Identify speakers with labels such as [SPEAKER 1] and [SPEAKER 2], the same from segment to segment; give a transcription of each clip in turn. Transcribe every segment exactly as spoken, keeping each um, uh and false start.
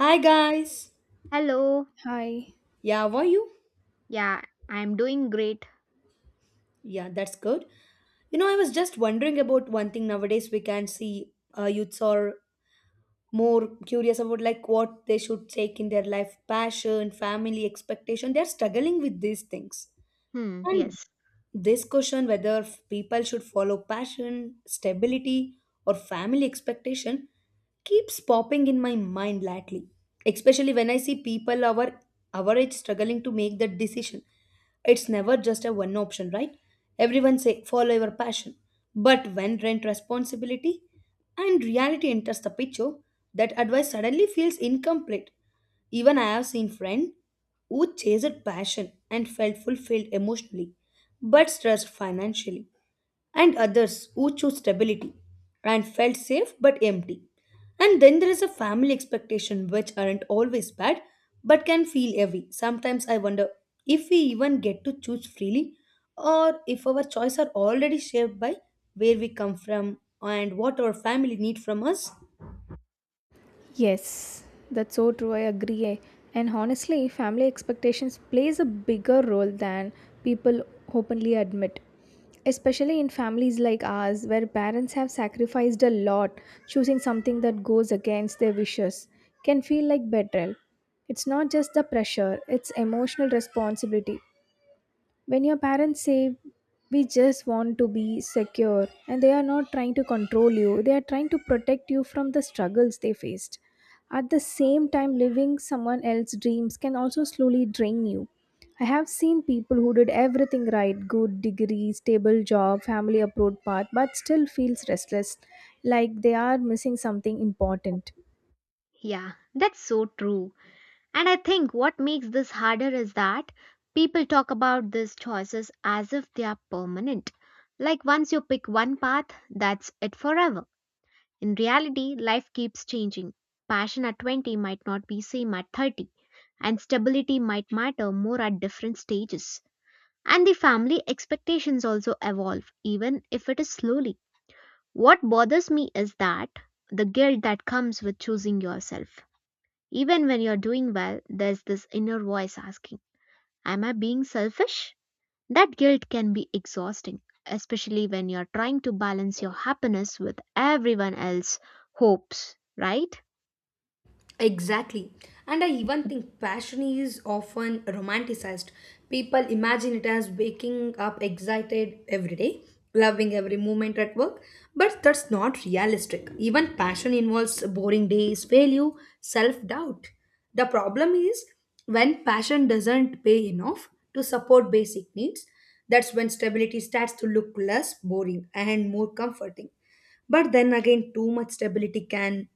[SPEAKER 1] Hi, guys.
[SPEAKER 2] Hello.
[SPEAKER 3] Hi.
[SPEAKER 1] Yeah, how are you?
[SPEAKER 2] Yeah, I'm doing great.
[SPEAKER 1] Yeah, that's good. You know, I was just wondering about one thing. Nowadays we can see uh, youths are more curious about like what they should take in their life, passion, family, expectation. They're struggling with these things.
[SPEAKER 2] Hmm,
[SPEAKER 1] And
[SPEAKER 2] yes.
[SPEAKER 1] this question whether f- people should follow passion, stability, or family expectation keeps popping in my mind lately, especially when I see people our our age struggling to make that decision. It's never just a one option, right? Everyone say follow your passion, but when rent responsibility and reality enters the picture, that advice suddenly feels incomplete. Even I have seen friends who chased passion and felt fulfilled emotionally, but stressed financially, and others who choose stability and felt safe but empty. And then there is a family expectation which aren't always bad but can feel heavy. Sometimes I wonder if we even get to choose freely or if our choices are already shaped by where we come from and what our family need from us.
[SPEAKER 3] Yes, that's so true. I agree. eh. And honestly, family expectations plays a bigger role than people openly admit. Especially in families like ours, where parents have sacrificed a lot, choosing something that goes against their wishes can feel like betrayal. It's not just the pressure, it's emotional responsibility. When your parents say, we just want to be secure, and they are not trying to control you, they are trying to protect you from the struggles they faced. At the same time, living someone else's dreams can also slowly drain you. I have seen people who did everything right, good degree, stable job, family approved path, but still feels restless, like they are missing something important.
[SPEAKER 2] Yeah, that's so true. And I think what makes this harder is that people talk about these choices as if they are permanent. Like once you pick one path, that's it forever. In reality, life keeps changing. Passion at twenty might not be same at thirty, and stability might matter more at different stages. And the family expectations also evolve, even if it is slowly. What bothers me is that the guilt that comes with choosing yourself. Even when you're doing well, there's this inner voice asking, am I being selfish? That guilt can be exhausting, especially when you're trying to balance your happiness with everyone else's hopes, right?
[SPEAKER 1] Exactly. And I even think passion is often romanticized. People imagine it as waking up excited every day, loving every moment at work, but that's not realistic. Even passion involves boring days, failure, self doubt. The problem is when passion doesn't pay enough to support basic needs, that's when stability starts to look less boring and more comforting. But then again, too much stability can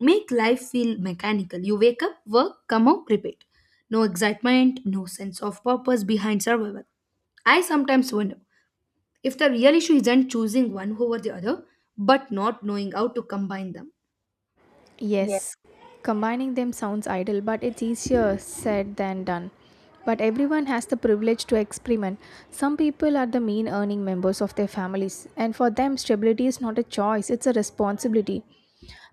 [SPEAKER 1] make life feel mechanical. You wake up, work, come out, repeat. No excitement, no sense of purpose behind survival. I sometimes wonder if the real issue isn't choosing one over the other, but not knowing how to combine them.
[SPEAKER 3] Yes, combining them sounds idle, but it's easier said than done. But everyone has the privilege to experiment. Some people are the mean earning members of their families, and for them, stability is not a choice, it's a responsibility.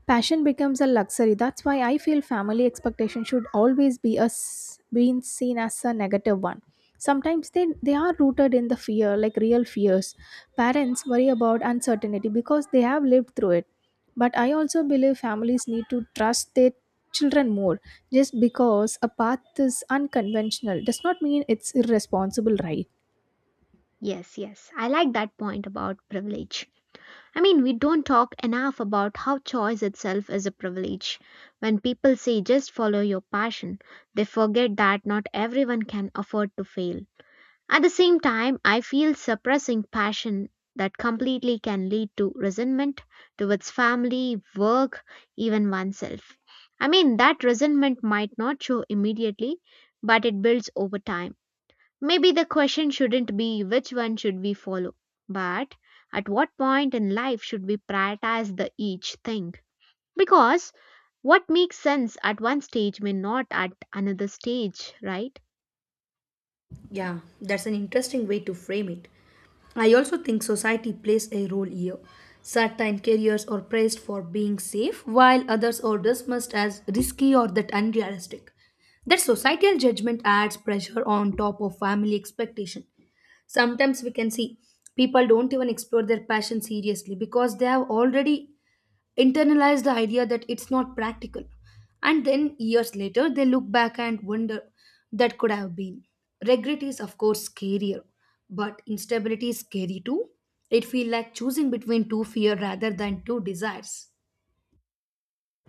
[SPEAKER 3] Passion becomes a luxury. That's why I feel family expectation should always be as being seen as a negative one. Sometimes they, they are rooted in the fear, like real fears. Parents worry about uncertainty because they have lived through it. But I also believe families need to trust their children more. Just because a path is unconventional does not mean it's irresponsible, right?
[SPEAKER 2] Yes, yes, I like that point about privilege. I mean, we don't talk enough about how choice itself is a privilege. When people say just follow your passion, they forget that not everyone can afford to fail. At the same time, I feel suppressing passion that completely can lead to resentment towards family, work, even oneself. I mean, that resentment might not show immediately, but it builds over time. Maybe the question shouldn't be which one should we follow, but at what point in life should we prioritize the each thing? Because what makes sense at one stage may not at another stage, right?
[SPEAKER 1] Yeah, that's an interesting way to frame it. I also think society plays a role here. Certain careers are praised for being safe, while others are dismissed as risky or that unrealistic. That societal judgment adds pressure on top of family expectation. Sometimes we can see people don't even explore their passion seriously because they have already internalize the idea that it's not practical. And then years later, they look back and wonder that could have been. Regret is, of course, scarier, but instability is scary too. It feels like choosing between two fear rather than two desires.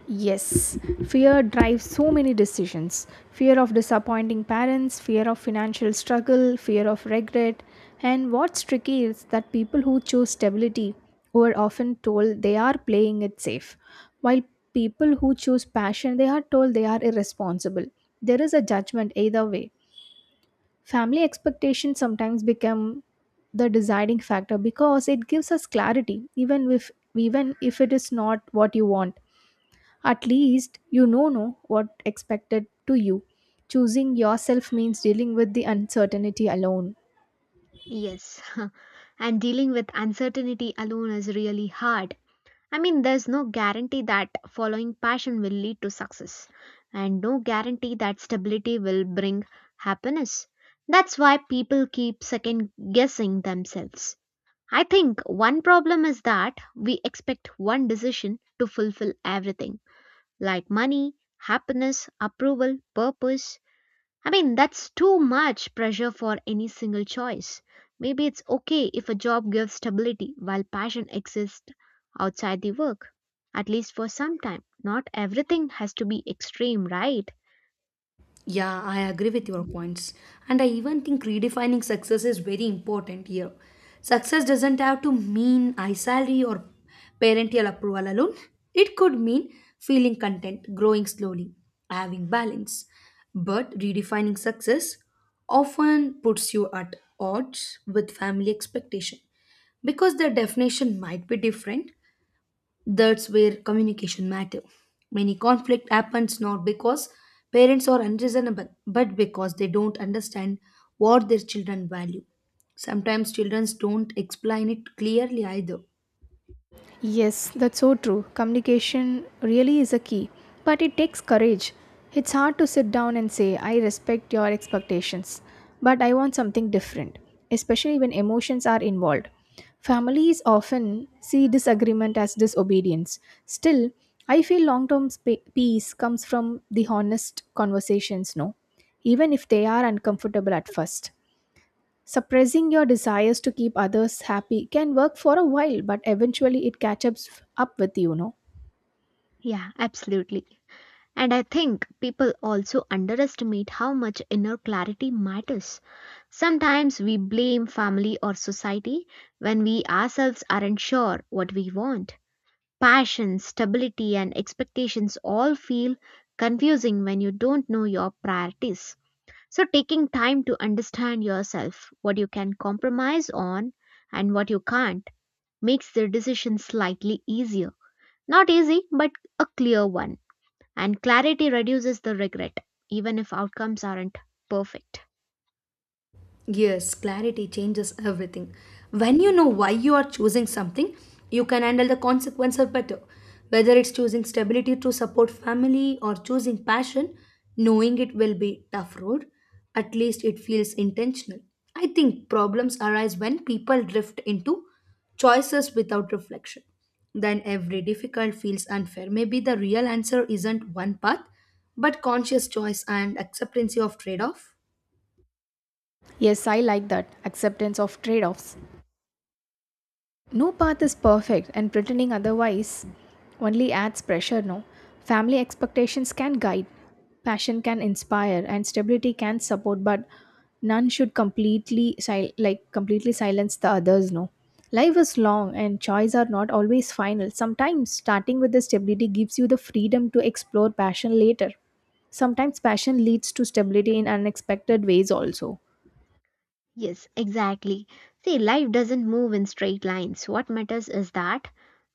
[SPEAKER 3] Yes, fear drives so many decisions, fear of disappointing parents, fear of financial struggle, fear of regret. And what's tricky is that people who choose stability were often told they are playing it safe, while people who choose passion, they are told they are irresponsible. There is a judgment either way. Family expectations sometimes become the deciding factor because it gives us clarity, even if even if it is not what you want, at least you know know what expected to you. Choosing yourself means dealing with the uncertainty alone.
[SPEAKER 2] Yes. And dealing with uncertainty alone is really hard. I mean, there's no guarantee that following passion will lead to success, and no guarantee that stability will bring happiness. That's why people keep second guessing themselves. I think one problem is that we expect one decision to fulfill everything like money, happiness, approval, purpose. I mean, that's too much pressure for any single choice. Maybe it's okay if a job gives stability while passion exists outside the work, at least for some time. Not everything has to be extreme, right?
[SPEAKER 1] Yeah, I agree with your points. And I even think redefining success is very important here. Success doesn't have to mean high salary or parental approval alone. It could mean feeling content, growing slowly, having balance. But redefining success often puts you at odds with family expectation because their definition might be different. That's where communication matter. Many conflict happens not because parents are unreasonable, but because they don't understand what their children value. Sometimes children don't explain it clearly either.
[SPEAKER 3] Yes, that's so true. Communication really is a key, but it takes courage. It's hard to sit down and say, I respect your expectations, but I want something different, especially when emotions are involved. Families often see disagreement as disobedience. Still, I feel long term peace comes from the honest conversations, no? Even if they are uncomfortable at first. Suppressing your desires to keep others happy can work for a while, but eventually it catches up with you, no?
[SPEAKER 2] Yeah, absolutely. And I think people also underestimate how much inner clarity matters. Sometimes we blame family or society when we ourselves aren't sure what we want. Passion, stability, and expectations all feel confusing when you don't know your priorities. So, taking time to understand yourself, what you can compromise on and what you can't, makes the decision slightly easier. Not easy, but a clear one, and clarity reduces the regret, even if outcomes aren't perfect.
[SPEAKER 1] Yes, clarity changes everything. When you know why you are choosing something, you can handle the consequences better. Whether it's choosing stability to support family or choosing passion, knowing it will be tough road, at least it feels intentional. I think problems arise when people drift into choices without reflection. Then every difficult feels unfair. Maybe the real answer isn't one path, but conscious choice and acceptance of trade-off.
[SPEAKER 3] Yes, I like that acceptance of trade offs. No path is perfect, and pretending otherwise only adds pressure, no? Family expectations can guide, passion can inspire, and stability can support, but none should completely sil- like completely silence the others, no? Life is long and choices are not always final. Sometimes starting with the stability gives you the freedom to explore passion later. Sometimes passion leads to stability in unexpected ways also.
[SPEAKER 2] Yes, exactly. See, life doesn't move in straight lines. What matters is that,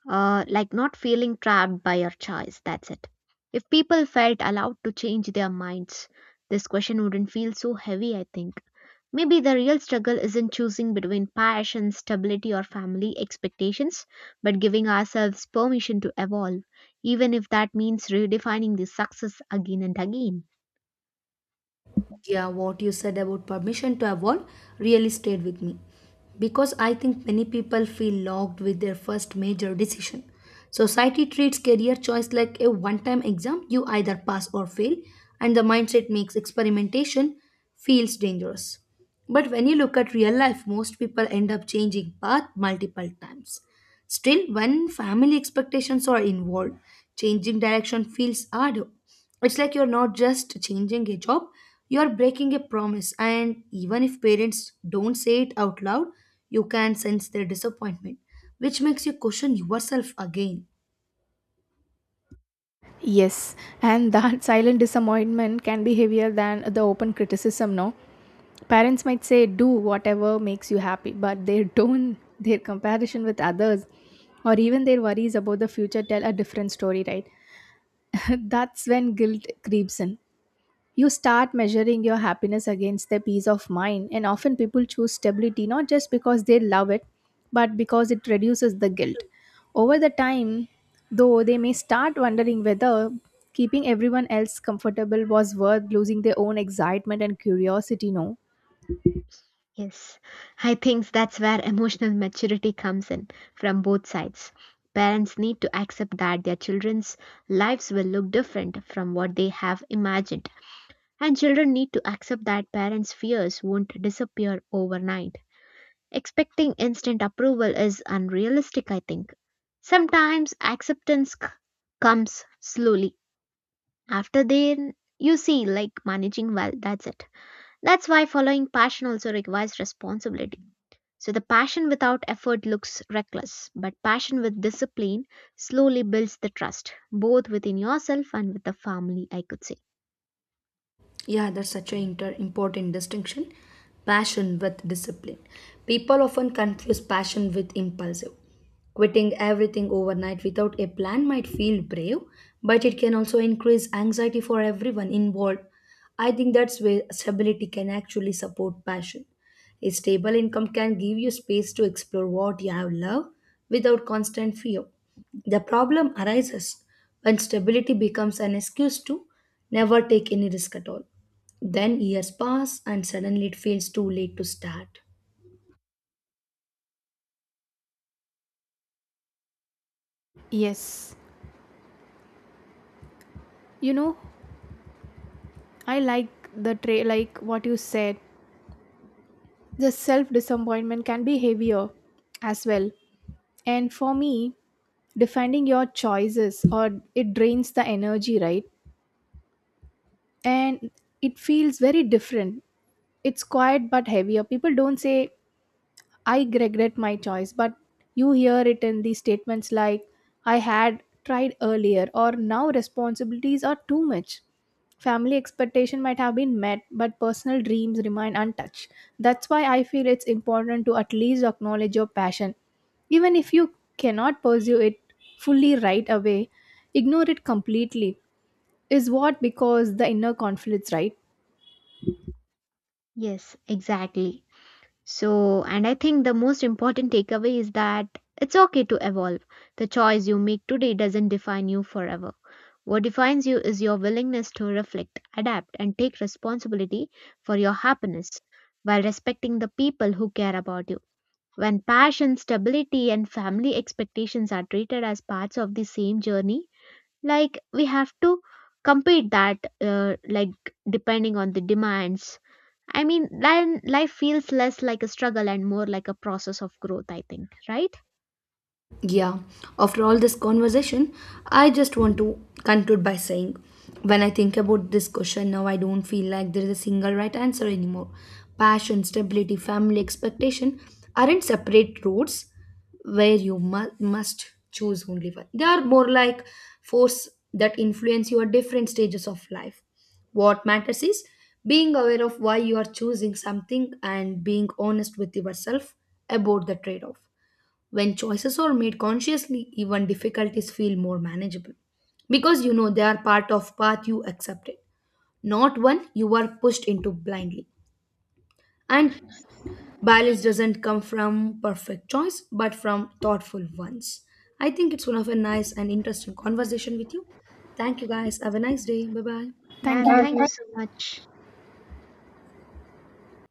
[SPEAKER 2] uh, like, not feeling trapped by your choice. That's it. If people felt allowed to change their minds, this question wouldn't feel so heavy, I think. Maybe the real struggle isn't choosing between passion, stability, or family expectations, but giving ourselves permission to evolve, even if that means redefining the success again and again.
[SPEAKER 1] Yeah, what you said about permission to evolve really stayed with me because I think many people feel locked with their first major decision. Society treats career choice like a one time exam you either pass or fail, and the mindset makes experimentation feels dangerous. But when you look at real life, most people end up changing path multiple times. Still, when family expectations are involved, changing direction feels harder. It's like you're not just changing a job, you're breaking a promise. And even if parents don't say it out loud, you can sense their disappointment, which makes you question yourself again.
[SPEAKER 3] Yes, and that silent disappointment can be heavier than the open criticism, no? Parents might say, do whatever makes you happy, but their tone, their comparison with others, or even their worries about the future tell a different story, right? That's when guilt creeps in. You start measuring your happiness against their peace of mind, and often people choose stability not just because they love it, but because it reduces the guilt. Over the time, though, they may start wondering whether keeping everyone else comfortable was worth losing their own excitement and curiosity, no?
[SPEAKER 2] Yes, I think that's where emotional maturity comes in from both sides. Parents need to accept that their children's lives will look different from what they have imagined, and children need to accept that parents' fears won't disappear overnight. Expecting instant approval is unrealistic, I think. Sometimes acceptance c- comes slowly. After then, you see, like, managing well, that's it. That's why following passion also requires responsibility. So the passion without effort looks reckless, but passion with discipline slowly builds the trust, both within yourself and with the family, I could say.
[SPEAKER 1] Yeah, that's such an inter- important distinction. Passion with discipline. People often confuse passion with impulsive. Quitting everything overnight without a plan might feel brave, but it can also increase anxiety for everyone involved. I think that's where stability can actually support passion. A stable income can give you space to explore what you have loved without constant fear. The problem arises when stability becomes an excuse to never take any risk at all. Then years pass, and suddenly it feels too late to start.
[SPEAKER 3] Yes, you know, I like the tray, like what you said. The self disappointment can be heavier as well. And for me, defending your choices or it drains the energy, right, and it feels very different, it's quiet but heavier, people don't say I regret my choice, but you hear it in these statements like, I had tried earlier, or now responsibilities are too much. Family expectation might have been met, but personal dreams remain untouched. That's why I feel it's important to at least acknowledge your passion. Even if you cannot pursue it fully right away, ignore it completely is what because the inner conflicts, right?
[SPEAKER 2] Yes, exactly. So, and I think the most important takeaway is that it's okay to evolve. The choice you make today doesn't define you forever. What defines you is your willingness to reflect, adapt, and take responsibility for your happiness while respecting the people who care about you. When passion, stability, and family expectations are treated as parts of the same journey, like we have to compete that, uh, like, depending on the demands. I mean, then life feels less like a struggle and more like a process of growth, I think, right?
[SPEAKER 1] Yeah, after all this conversation, I just want to conclude by saying, when I think about this question now, I don't feel like there is a single right answer anymore. Passion, stability, family, expectation aren't separate roads where you mu- must choose only one. They are more like force that influence you at different stages of life. What matters is being aware of why you are choosing something and being honest with yourself about the trade off. When choices are made consciously, even difficulties feel more manageable because you know they are part of path you accepted, not one you were pushed into blindly. And balance doesn't come from perfect choice, but from thoughtful ones. I think it's one of a nice and interesting conversation with you. Thank you, guys. Have a nice day. Bye bye.
[SPEAKER 2] Yeah,
[SPEAKER 3] Thank you.
[SPEAKER 1] Yeah,
[SPEAKER 2] thank you
[SPEAKER 1] thank
[SPEAKER 2] so much.